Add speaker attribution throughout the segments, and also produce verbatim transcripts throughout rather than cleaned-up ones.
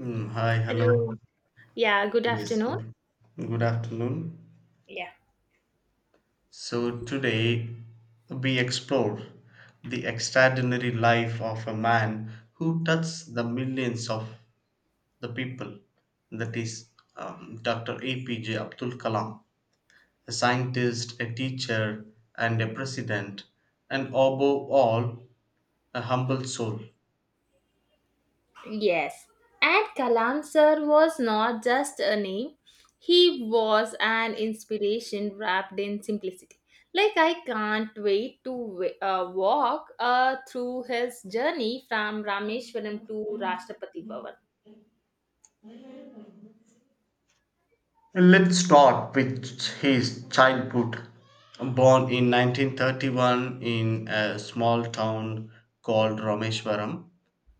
Speaker 1: Mm, hi, hello.
Speaker 2: Hello. Yeah, good
Speaker 1: Yes,
Speaker 2: afternoon.
Speaker 1: good afternoon.
Speaker 2: Yeah.
Speaker 1: So today we explore the extraordinary life of a man who touched the millions of the people. That is um, doctor A P J Abdul Kalam, a scientist, a teacher, and a president, and above all, a humble soul.
Speaker 2: Yes. And Kalam sir was not just a name, he was an inspiration wrapped in simplicity. Like, I can't wait to wa- uh, walk uh, through his journey from Rameshwaram to Rashtrapati Bhavan.
Speaker 1: Let's start with his childhood. Born in nineteen thirty-one in a small town called Rameshwaram,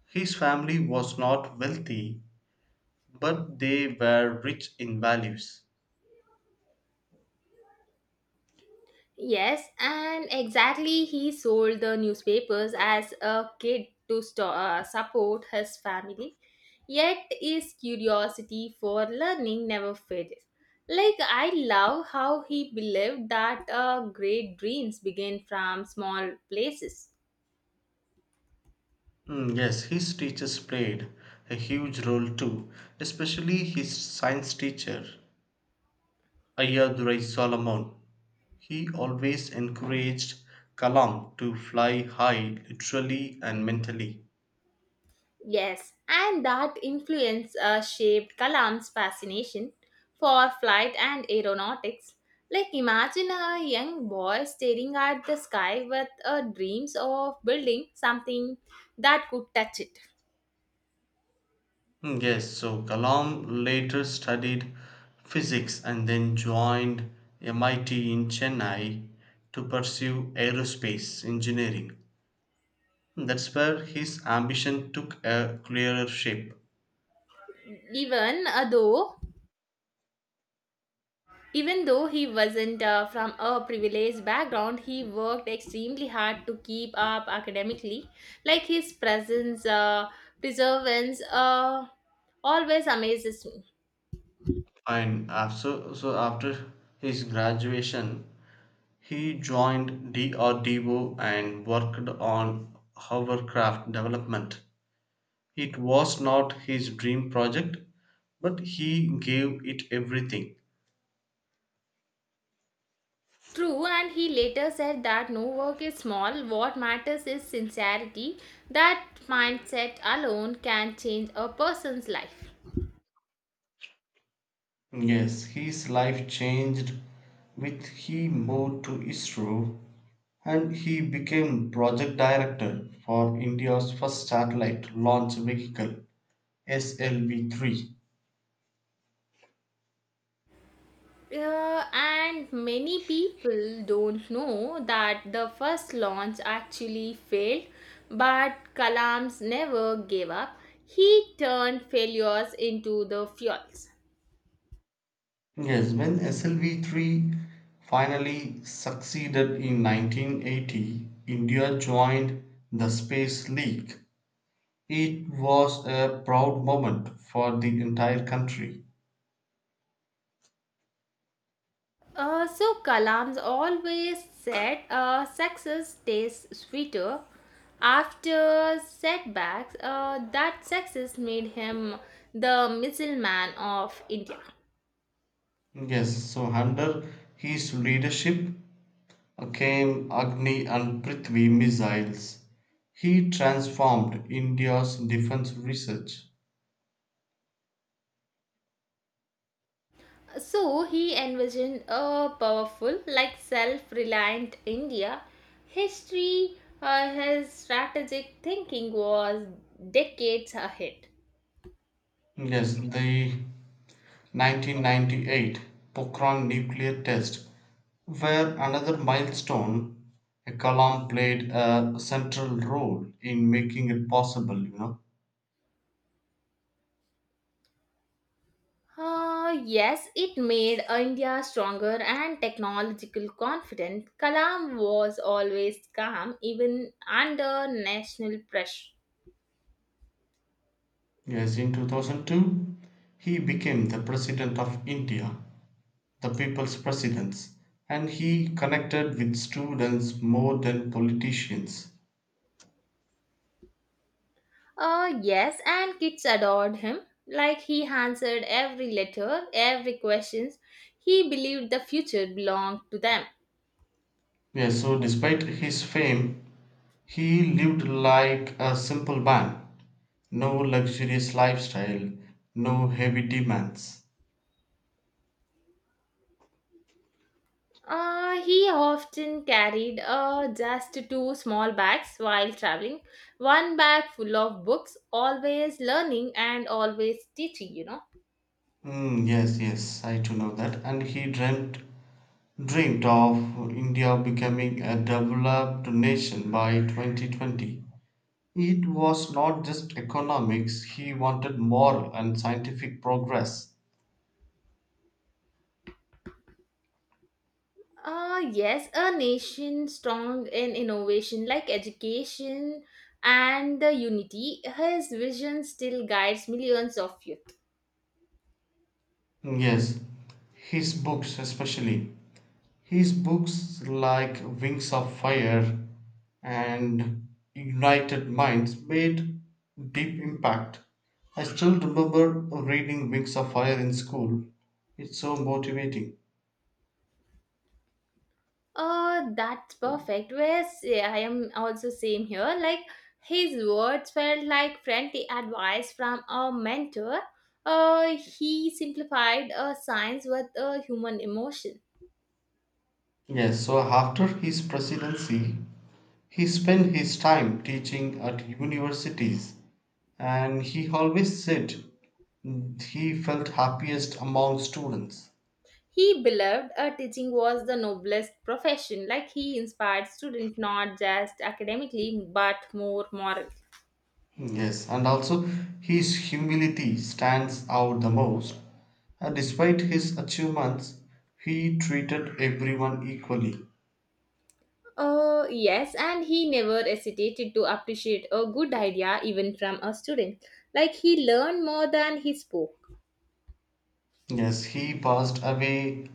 Speaker 1: his family was not wealthy, but they were rich in values.
Speaker 2: Yes, and exactly he sold the newspapers as a kid to sto- uh, support his family. Yet his curiosity for learning never fades. Like I love how he believed that uh, great dreams begin from small places.
Speaker 1: Mm, yes, his teachers played a huge role too, especially his science teacher, Ayadurai Solomon. He always encouraged Kalam to fly high literally and mentally.
Speaker 2: Yes, and that influence uh, shaped Kalam's fascination for flight and aeronautics. Like, imagine a young boy staring at the sky with uh, dreams of building something that could touch it.
Speaker 1: Mm, yes, so Kalam later studied physics and then joined M I T in Chennai to pursue aerospace engineering. Hmm, that's where his ambition took a clearer shape.
Speaker 2: Even uh, though, even though he wasn't uh, from a privileged background, he worked extremely hard to keep up academically. Like his presence, uh, perseverance, uh, always amazes me.
Speaker 1: And after, so so after his graduation, he joined D R D O and worked on hovercraft development. It was not his dream project, but he gave it everything.
Speaker 2: True, and he later said that no work is small, what matters is sincerity. That mindset alone can change a person's life.
Speaker 1: Yes, his life changed with he moved to ISRO and he became project director for India's first satellite launch vehicle S L V three.
Speaker 2: Uh, and many people don't know that the first launch actually failed, but Kalams never gave up. He turned failures into the fuels.
Speaker 1: Yes, when S L V three finally succeeded in nineteen eighty, India joined the Space League. It was a proud moment for the entire country.
Speaker 2: Uh, so Kalam's always said uh, success tastes sweeter. After setbacks, uh, that success made him the missile of India.
Speaker 1: Yes, so under his leadership, came Agni and Prithvi missiles. He transformed India's defense research.
Speaker 2: So he envisioned a powerful, like self reliant India. History, uh, his strategic thinking was decades ahead.
Speaker 1: Yes, the nineteen ninety-eight Pokhran nuclear test were another milestone. A Kalam played a central role in making it possible, you know.
Speaker 2: Uh, yes, it made India stronger and technological confident. Kalam was always calm even under national pressure.
Speaker 1: Yes, in two thousand two, he became the president of India, the people's president, and he connected with students more than politicians.
Speaker 2: Uh, yes, and kids adored him. Like he answered every letter, every question. He believed the future belonged to them.
Speaker 1: Yes, so despite his fame, he lived like a simple man. No luxurious lifestyle, no heavy demands.
Speaker 2: Uh, he often carried uh, just two small bags while traveling. One bag full of books, always learning and always teaching, you know.
Speaker 1: Mm, yes, yes, I do know that. And he dreamt dreamed of India becoming a developed nation by twenty twenty. It was not just economics, he wanted moral and scientific progress.
Speaker 2: Uh, yes, a nation strong in innovation like education and the unity. His vision still guides millions of youth.
Speaker 1: Hmm, yes, his books, especially his books like Wings of Fire and United Minds, made deep impact. I still remember reading Wings of Fire in school. It's so motivating.
Speaker 2: Uh, that's perfect. Whereas yeah, I am also same here. Like his words felt like friendly advice from a mentor. Uh, he simplified uh, science with a human emotion.
Speaker 1: Yes, so after his presidency, he spent his time teaching at universities and he always said he felt happiest among students.
Speaker 2: He believed uh, teaching was the noblest profession, like he inspired students not just academically but more morally.
Speaker 1: Mm-hmm. Yes, and also his humility stands out the most. Uh, Despite his achievements, he treated everyone equally.
Speaker 2: Uh, yes, and he never hesitated to appreciate a good idea even from a student. Like he learned more than he spoke.
Speaker 1: Yes, he passed away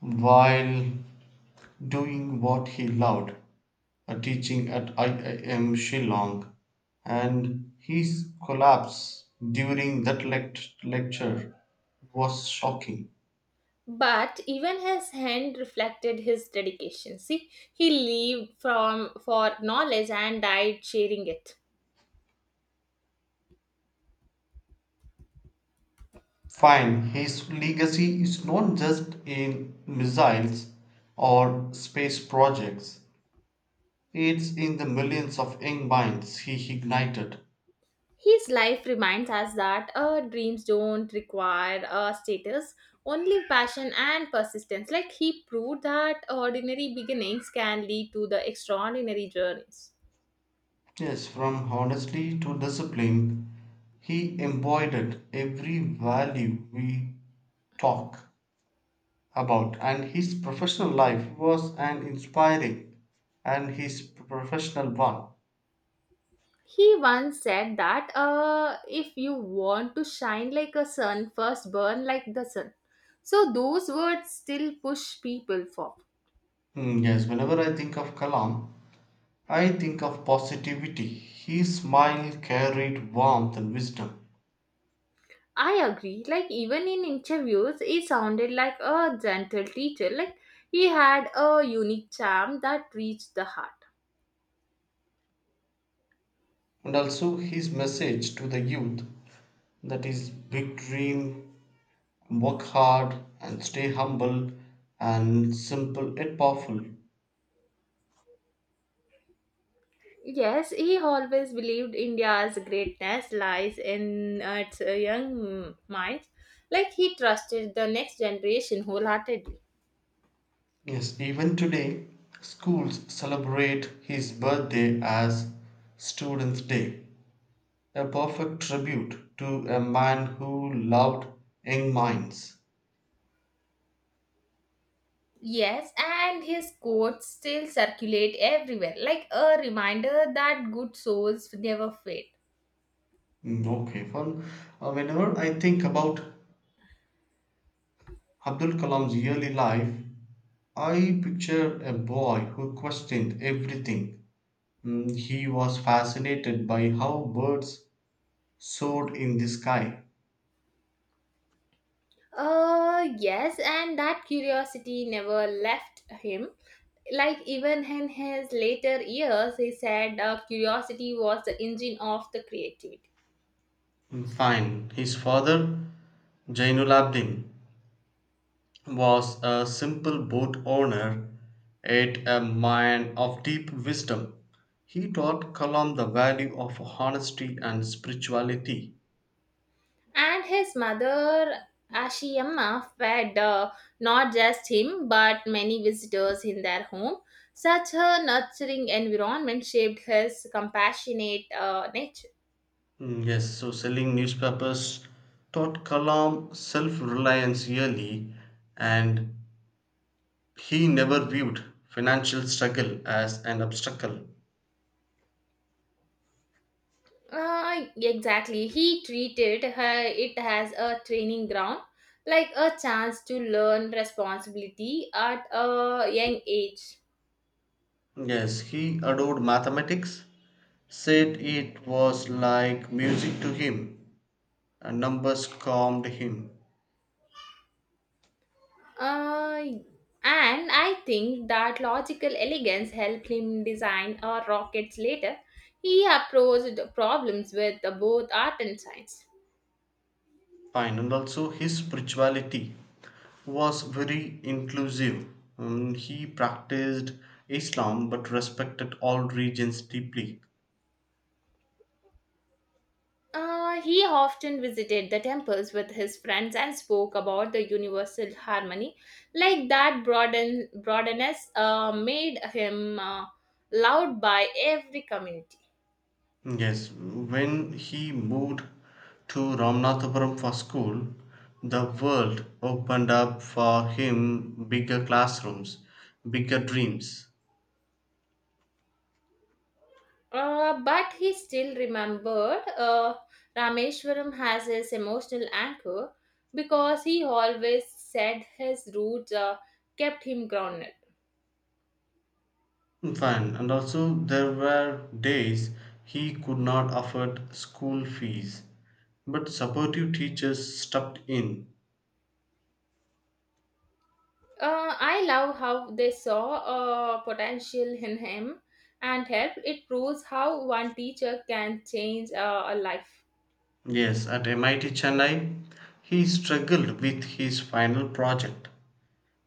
Speaker 1: while doing what he loved, uh, teaching at I I M Shillong, and his collapse during that lect- lecture was shocking.
Speaker 2: But even his hand reflected his dedication. See, he lived from for knowledge and died sharing it.
Speaker 1: Fine, his legacy is not just in missiles or space projects, it's in the millions of young minds he ignited.
Speaker 2: His life reminds us that uh, dreams don't require uh, status, only passion and persistence. Like he proved that ordinary beginnings can lead to the extraordinary journeys.
Speaker 1: Yes, from honesty to discipline, he embodied every value we talk about, and his professional life was an inspiring and his professional one.
Speaker 2: He once said that uh, if you want to shine like a sun, first burn like the sun. So those words still push people forward.
Speaker 1: Mm, yes, whenever I think of Kalam, I think of positivity. His smile carried warmth and wisdom.
Speaker 2: I agree. Like even in interviews, he sounded like a gentle teacher. Like he had a unique charm that reached the heart.
Speaker 1: And also his message to the youth, that is, big dream, work hard, and stay humble, and simple and powerful.
Speaker 2: Yes, he always believed India's greatness lies in its uh, young minds. Like he trusted the next generation wholeheartedly.
Speaker 1: Yes, even today, schools celebrate his birthday as Students' Day, a perfect tribute to a man who loved young minds.
Speaker 2: Yes, and his quotes still circulate everywhere, like a reminder that good souls never fade.
Speaker 1: Mm, okay, fun. Uh, whenever I think about Abdul Kalam's early life, I picture a boy who questioned everything. Mm, he was fascinated by how birds soared in the sky.
Speaker 2: Uh, yes, and that curiosity never left him. Like even in his later years, he said uh, curiosity was the engine of the creativity.
Speaker 1: Mm, fine. His father, Jainul Abdin, was a simple boat owner, yet a man of deep wisdom. He taught Kalam the value of honesty and spirituality.
Speaker 2: And his mother Ashiyama fed uh, not just him but many visitors in their home. Such a nurturing environment shaped his compassionate uh, nature.
Speaker 1: Mm, yes, so selling newspapers taught Kalam self reliance early, and he never viewed financial struggle as an obstacle.
Speaker 2: Uh, exactly, he treated her, it as a training ground, like a chance to learn responsibility at a young age.
Speaker 1: Yes, he adored mathematics, said it was like music to him, and numbers calmed him.
Speaker 2: Uh, and I think that logical elegance helped him design our rockets later. He approached problems with both art and science.
Speaker 1: Fine, and also his spirituality was very inclusive. Mm, he practiced Islam but respected all religions deeply.
Speaker 2: Uh, he often visited the temples with his friends and spoke about the universal harmony. Like that broaden, broadness uh, made him uh, loved by every community.
Speaker 1: Yes, when he moved to Ramnathapuram for school, the world opened up for him: bigger classrooms, bigger dreams.
Speaker 2: Uh, but he still remembered uh, Rameshwaram has his emotional anchor because he always said his roots uh, kept him grounded.
Speaker 1: Fine, and also there were days he could not afford school fees, but supportive teachers stepped in.
Speaker 2: Uh, I love how they saw uh, potential in him and helped. It proves how one teacher can change uh, a life.
Speaker 1: Yes, at M I T Chennai, he struggled with his final project.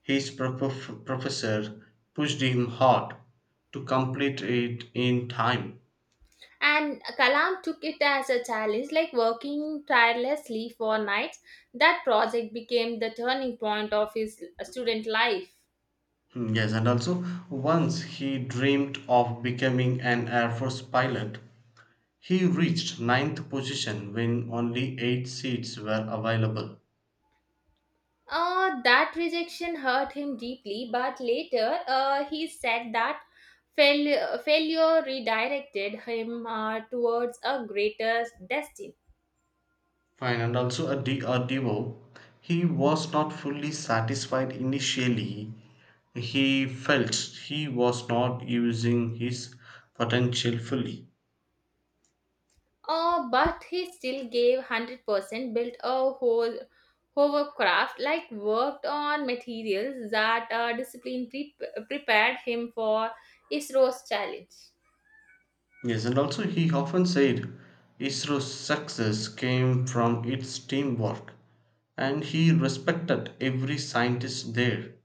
Speaker 1: His prof- professor pushed him hard to complete it in time.
Speaker 2: And Kalam took it as a challenge, like working tirelessly for nights. That project became the turning point of his student life.
Speaker 1: Hmm, yes, and also once he dreamed of becoming an Air Force pilot. He reached ninth position when only eight seats were available.
Speaker 2: Uh, that rejection hurt him deeply, but later uh, he said that fail- failure redirected him uh, towards a greater destiny.
Speaker 1: Fine, and also at D R D O, he was not fully satisfied initially. He felt he was not using his potential fully.
Speaker 2: Uh, but he still gave one hundred percent, built a whole hovercraft, like worked on materials that uh, discipline pre- prepared him for ISRO's challenge.
Speaker 1: Yes, and also he often said ISRO's success came from its teamwork, and he respected every scientist there.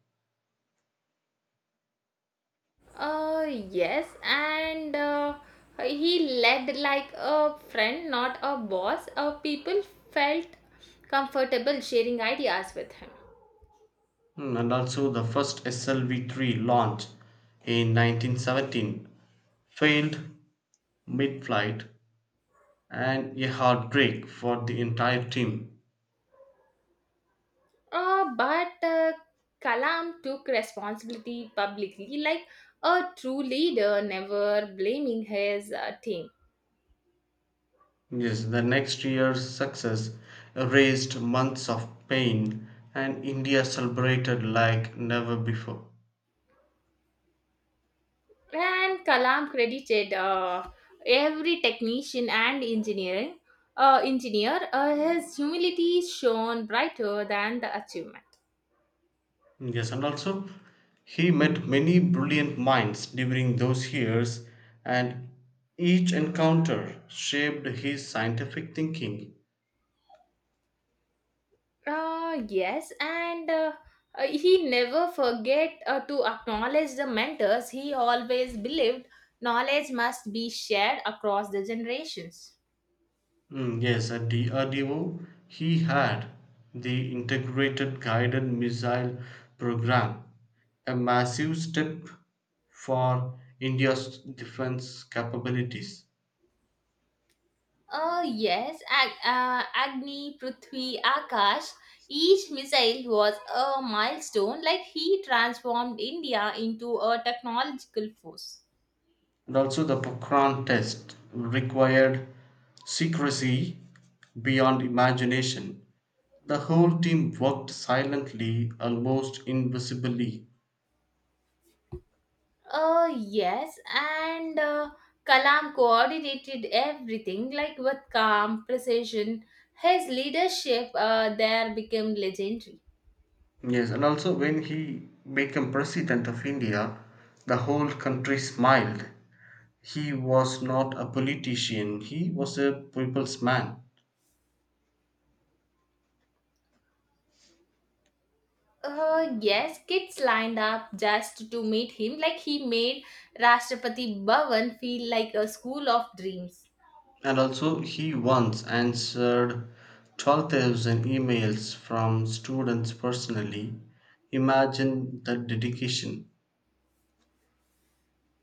Speaker 2: Uh, yes, and uh, he led like a friend, not a boss. Uh, people felt comfortable sharing ideas with him.
Speaker 1: Mm, and also, the first S L V three launch in nineteen seventeen failed mid flight, and a heartbreak for the entire team.
Speaker 2: Uh, but uh, Kalam took responsibility publicly, like a true leader, never blaming his uh, team.
Speaker 1: Yes, the next year's success erased months of pain, and India celebrated like never before.
Speaker 2: And Kalam credited uh, every technician and engineering uh, engineer. Uh, his humility shone brighter than the achievement.
Speaker 1: Yes, and also he met many brilliant minds during those years, and each encounter shaped his scientific thinking.
Speaker 2: Uh, yes, and uh, uh, he never forget uh, to acknowledge the mentors. He always believed knowledge must be shared across the generations.
Speaker 1: Mm, yes, at the R D O, he had the Integrated Guided Missile Program, a massive step for India's defense capabilities.
Speaker 2: Uh, yes, Ag- uh, Agni, Prithvi, Akash, each missile was a milestone, like he transformed India into a technological force.
Speaker 1: And also, the Pokhran test required secrecy beyond imagination. The whole team worked silently, almost invisibly.
Speaker 2: Uh, yes, and uh, Kalam coordinated everything like with calm precision. His leadership uh, there became legendary.
Speaker 1: Yes, and also when he became president of India, the whole country smiled. He was not a politician, he was a people's man.
Speaker 2: Uh, yes, kids lined up just to meet him, like he made Rashtrapati Bhavan feel like a school of dreams.
Speaker 1: And also, he once answered twelve thousand emails from students personally. Imagine the dedication.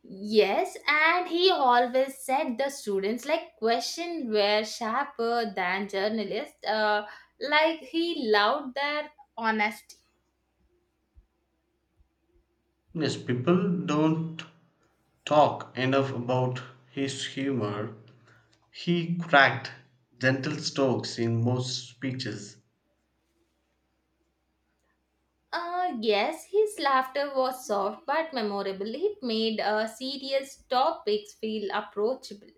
Speaker 2: Yes, and he always said the students like question were sharper than journalists. Uh, like he loved their honesty.
Speaker 1: Yes, people don't talk enough about his humor. He cracked gentle strokes in most speeches,
Speaker 2: Uh, yes, his laughter was soft but memorable. It made uh, serious topics feel approachable.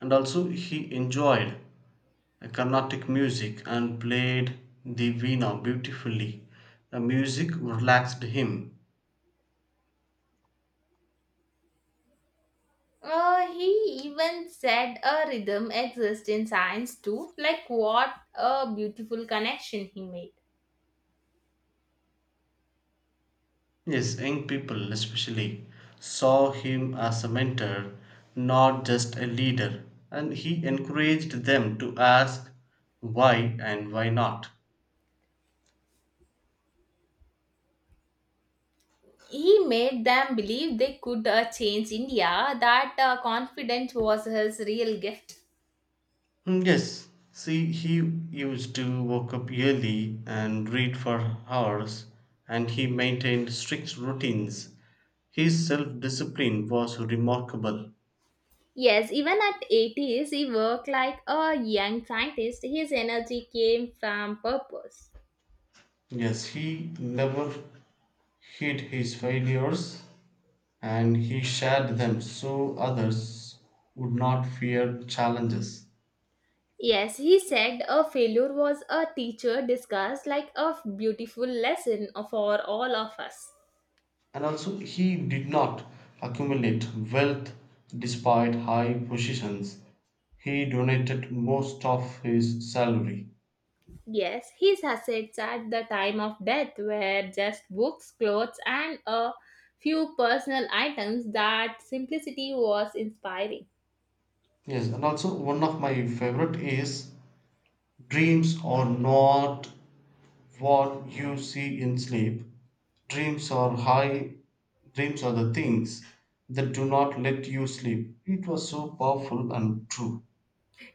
Speaker 1: and also he enjoyed Carnatic music and played the veena beautifully. The music relaxed him.
Speaker 2: Uh, he even said a rhythm exists in science too. Like, what a beautiful connection he made.
Speaker 1: Yes, young people especially saw him as a mentor, not just a leader, and he encouraged them to ask why and why not.
Speaker 2: He made them believe they could uh, change India. That uh, confidence was his real gift.
Speaker 1: Hmm, yes, see, he used to wake up early and read for hours, and he maintained strict routines. His self discipline was remarkable.
Speaker 2: Yes, even at eighties, he worked like a young scientist. His energy came from purpose.
Speaker 1: Yes, he never hid his failures and he shared them so others would not fear challenges.
Speaker 2: Yes, he said a failure was a teacher discussed like a beautiful lesson for all of us.
Speaker 1: And also he did not accumulate wealth. Despite high positions, he donated most of his salary.
Speaker 2: Yes, his assets at the time of death were just books, clothes, and a few personal items that simplicity was inspiring.
Speaker 1: Yes, and also one of my favorite is: dreams are not what you see in sleep, dreams are high, dreams are the things that do not let you sleep. It was so powerful and true.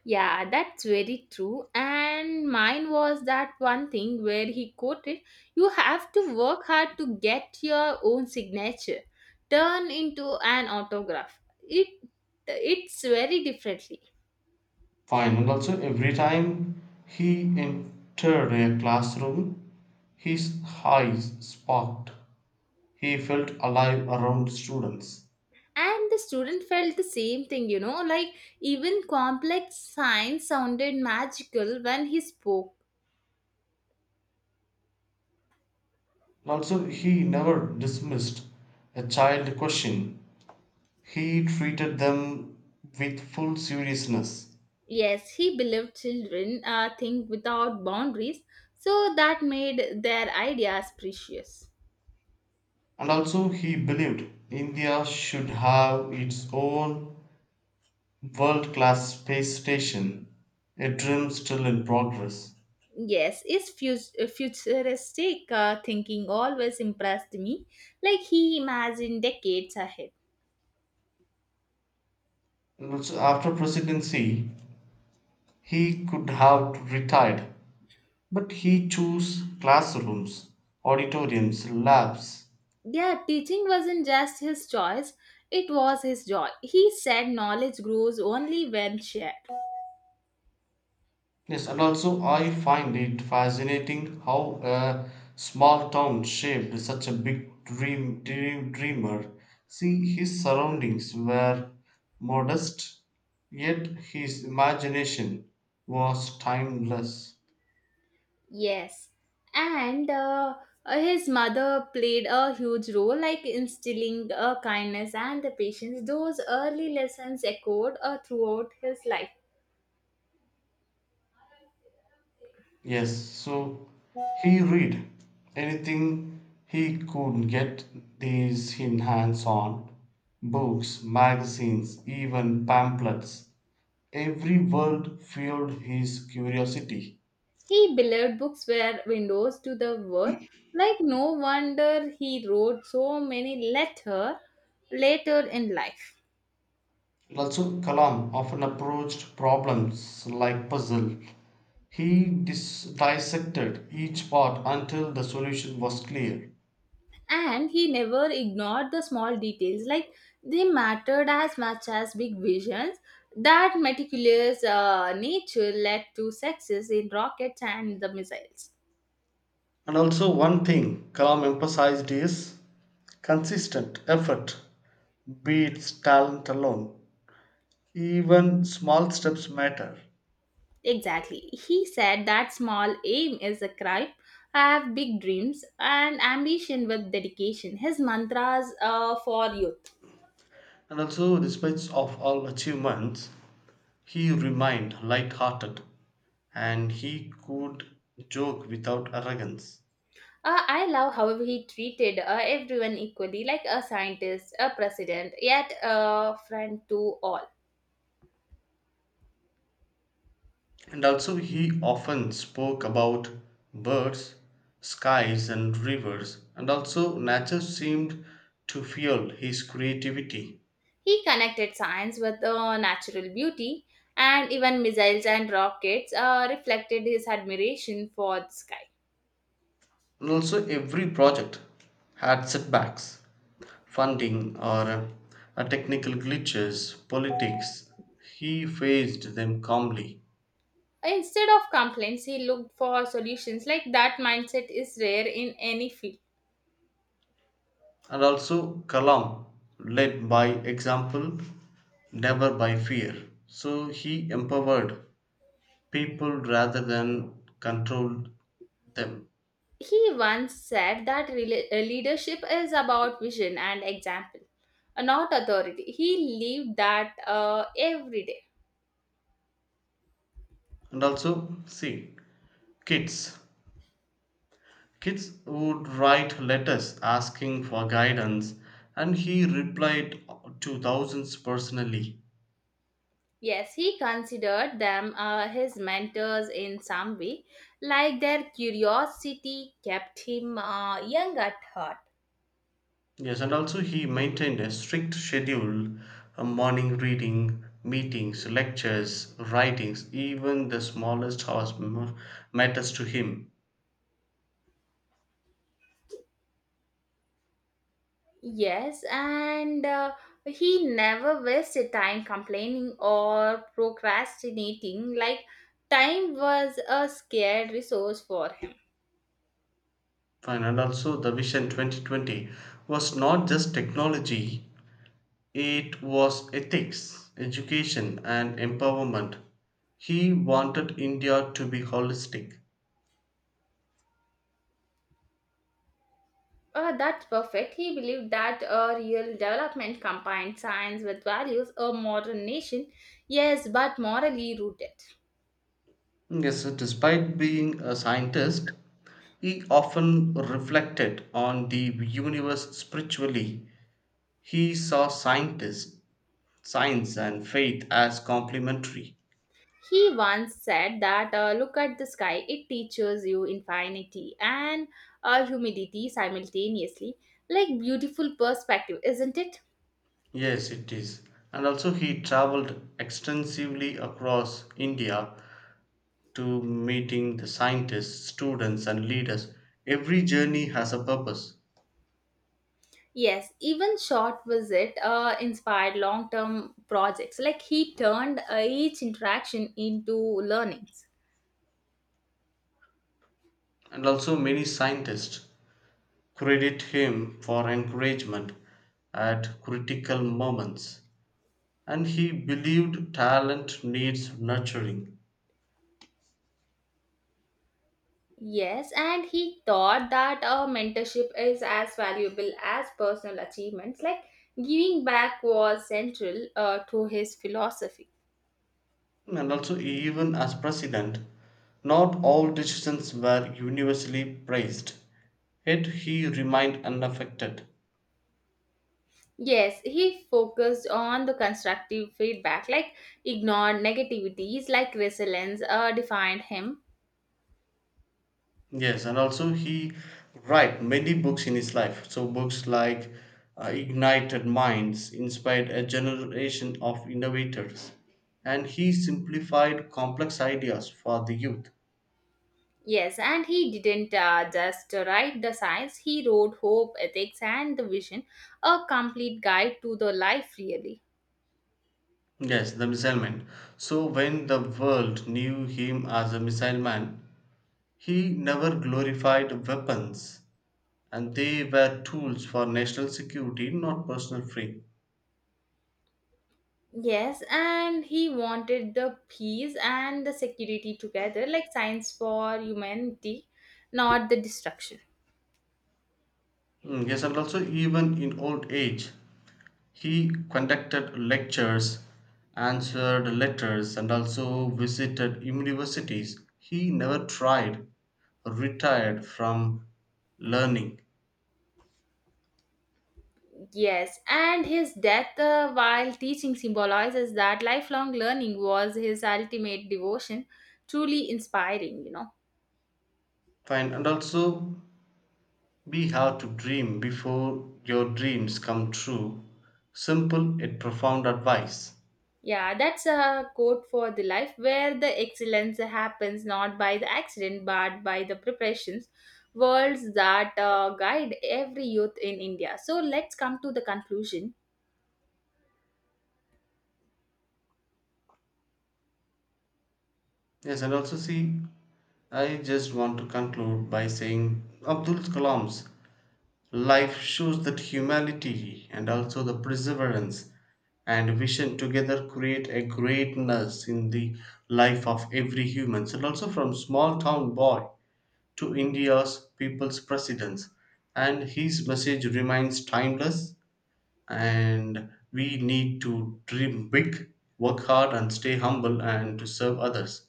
Speaker 2: Yeah, that's very true. And mine was that one thing where he quoted, "You have to work hard to get your own signature, turn into an autograph." It it's very differently.
Speaker 1: Fine, and also every time he entered a classroom, his eyes sparkled. He felt alive around students.
Speaker 2: And the student felt the same thing, you know, like even complex science sounded magical when he spoke.
Speaker 1: And also he never dismissed a child question. He treated them with full seriousness.
Speaker 2: Yes, he believed children uh, think without boundaries, so that made their ideas precious.
Speaker 1: And also he believed India should have its own world class space station, a dream still in progress.
Speaker 2: Yes, his fus- uh, futuristic uh, thinking always impressed me, like he imagined decades ahead.
Speaker 1: And also after presidency, he could have retired, but he chose classrooms, auditoriums, labs.
Speaker 2: Yeah, teaching wasn't just his choice, it was his joy. He said knowledge grows only when shared.
Speaker 1: Yes, and also I find it fascinating how a small town shaped such a big dream, dream dreamer. See, his surroundings were modest, yet his imagination was timeless.
Speaker 2: Yes, and uh, uh, his mother played a huge role, like instilling uh, kindness and the patience. Those early lessons echoed uh, throughout his life.
Speaker 1: Yes, so he read anything he could get his hands on: books, magazines, even pamphlets. Every word fueled his curiosity.
Speaker 2: He believed books were windows to the world. Like no wonder he wrote so many letters later in life.
Speaker 1: Also, Kalam often approached problems like puzzle. He dis- dissected each part until the solution was clear.
Speaker 2: And he never ignored the small details. Like they mattered as much as big visions. That meticulous uh, nature led to success in rockets and the missiles.
Speaker 1: And also, one thing Kalam emphasized is consistent effort beats talent alone. Even small steps matter.
Speaker 2: Exactly. He said that small aim is a crime. I have big dreams and ambition with dedication. His mantras uh, for youth.
Speaker 1: And also, despite of all achievements, he remained light-hearted, and he could joke without arrogance.
Speaker 2: Uh, I love how he treated uh, everyone equally, like a scientist, a president, yet a friend to all.
Speaker 1: And also, he often spoke about birds, skies, and rivers. And also, nature seemed to fuel his creativity.
Speaker 2: He connected science with uh, natural beauty, and even missiles and rockets uh, reflected his admiration for the sky.
Speaker 1: And also, every project had setbacks: funding, or uh, uh, technical glitches, politics. He faced them calmly.
Speaker 2: Instead of complaints, he looked for solutions. Like that mindset is rare in any field.
Speaker 1: And also, Kalam led by example, never by fear. So he empowered people rather than controlled them.
Speaker 2: He once said that rela- uh, leadership is about vision and example, uh, not authority. He lived that uh, every day.
Speaker 1: And also, see, kids kids would write letters asking for guidance, and he replied to thousands personally.
Speaker 2: Yes, he considered them uh, his mentors in some way, like their curiosity kept him uh, young at heart.
Speaker 1: Yes, and also he maintained a strict schedule: a morning reading, meetings, lectures, writings, even the smallest house m- matters to him.
Speaker 2: Yes, and uh, he never wasted time complaining or procrastinating, like time was a scarce resource for him.
Speaker 1: Fine, and also the Vision twenty twenty was not just technology, it was ethics, education, and empowerment. He wanted India to be holistic.
Speaker 2: Uh, that's perfect. He believed that a real development combined science with values, a modern nation, yes, but morally rooted.
Speaker 1: Yes, despite being a scientist, he often reflected on the universe spiritually. He saw scientists, science, and faith as complementary.
Speaker 2: He once said that uh, look at the sky, it teaches you infinity and uh, humidity simultaneously. Like beautiful perspective, isn't it?
Speaker 1: Yes, it is. And also, he traveled extensively across India to meeting the scientists, students, and leaders. Every journey has a purpose.
Speaker 2: Yes, even short visit uh, inspired long term projects. Like he turned uh, each interaction into learnings.
Speaker 1: And also, many scientists credit him for encouragement at critical moments, and he believed talent needs nurturing.
Speaker 2: Yes, and he thought that a mentorship is as valuable as personal achievements. Like giving back was central uh, to his philosophy.
Speaker 1: And also, even as president, not all decisions were universally praised. Yet he remained unaffected.
Speaker 2: Yes, he focused on the constructive feedback, like ignored negativities, like resilience uh, defined him.
Speaker 1: Yes, and also he wrote many books in his life. So books like uh, Ignited Minds inspired a generation of innovators, and he simplified complex ideas for the youth.
Speaker 2: Yes, and he didn't uh, just write the science, he wrote hope, ethics, and the vision, a complete guide to the life, really.
Speaker 1: Yes, the Missile Man. So, when the world knew him as a Missile Man, he never glorified weapons, and they were tools for national security, not personal free.
Speaker 2: Yes, and he wanted the peace and the security together, like science for humanity, not the destruction.
Speaker 1: Mm, yes, and also, even in old age, he conducted lectures, answered letters, and also visited universities. He never tried, retired from learning.
Speaker 2: Yes, and his death uh, while teaching symbolizes that lifelong learning was his ultimate devotion, truly inspiring, you know.
Speaker 1: Fine, and also be hard to dream before your dreams come true. Simple yet profound advice.
Speaker 2: Yeah, that's a quote for the life where the excellence happens not by the accident but by the preparations, worlds that uh, guide every youth in India. So let's come to the conclusion.
Speaker 1: Yes, and also see, I just want to conclude by saying Abdul Kalam's life shows that humanity and also the perseverance and vision together create a greatness in the life of every human. And also from small town boy to India's people's presidents. And his message remains timeless, and we need to dream big, work hard, and stay humble, and to serve others.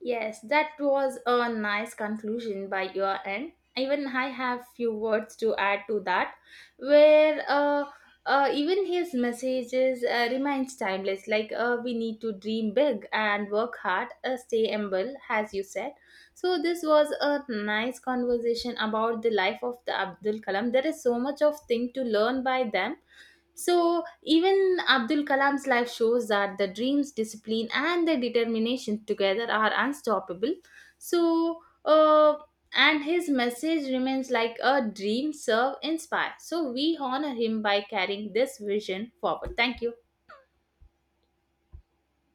Speaker 2: Yes, that was a nice conclusion by your end. Even I have few words to add to that, where uh, uh, even his messages uh, remains timeless. Like uh, we need to dream big and work hard, uh, stay humble, as you said. So this was a nice conversation about the life of the Abdul Kalam. There is so much of thing to learn by them so, even Abdul Kalam's life shows that the dreams, discipline, and the determination together are unstoppable. So, uh, and his message remains like a dream, serve, inspire. So, we honor him by carrying this vision forward. Thank you.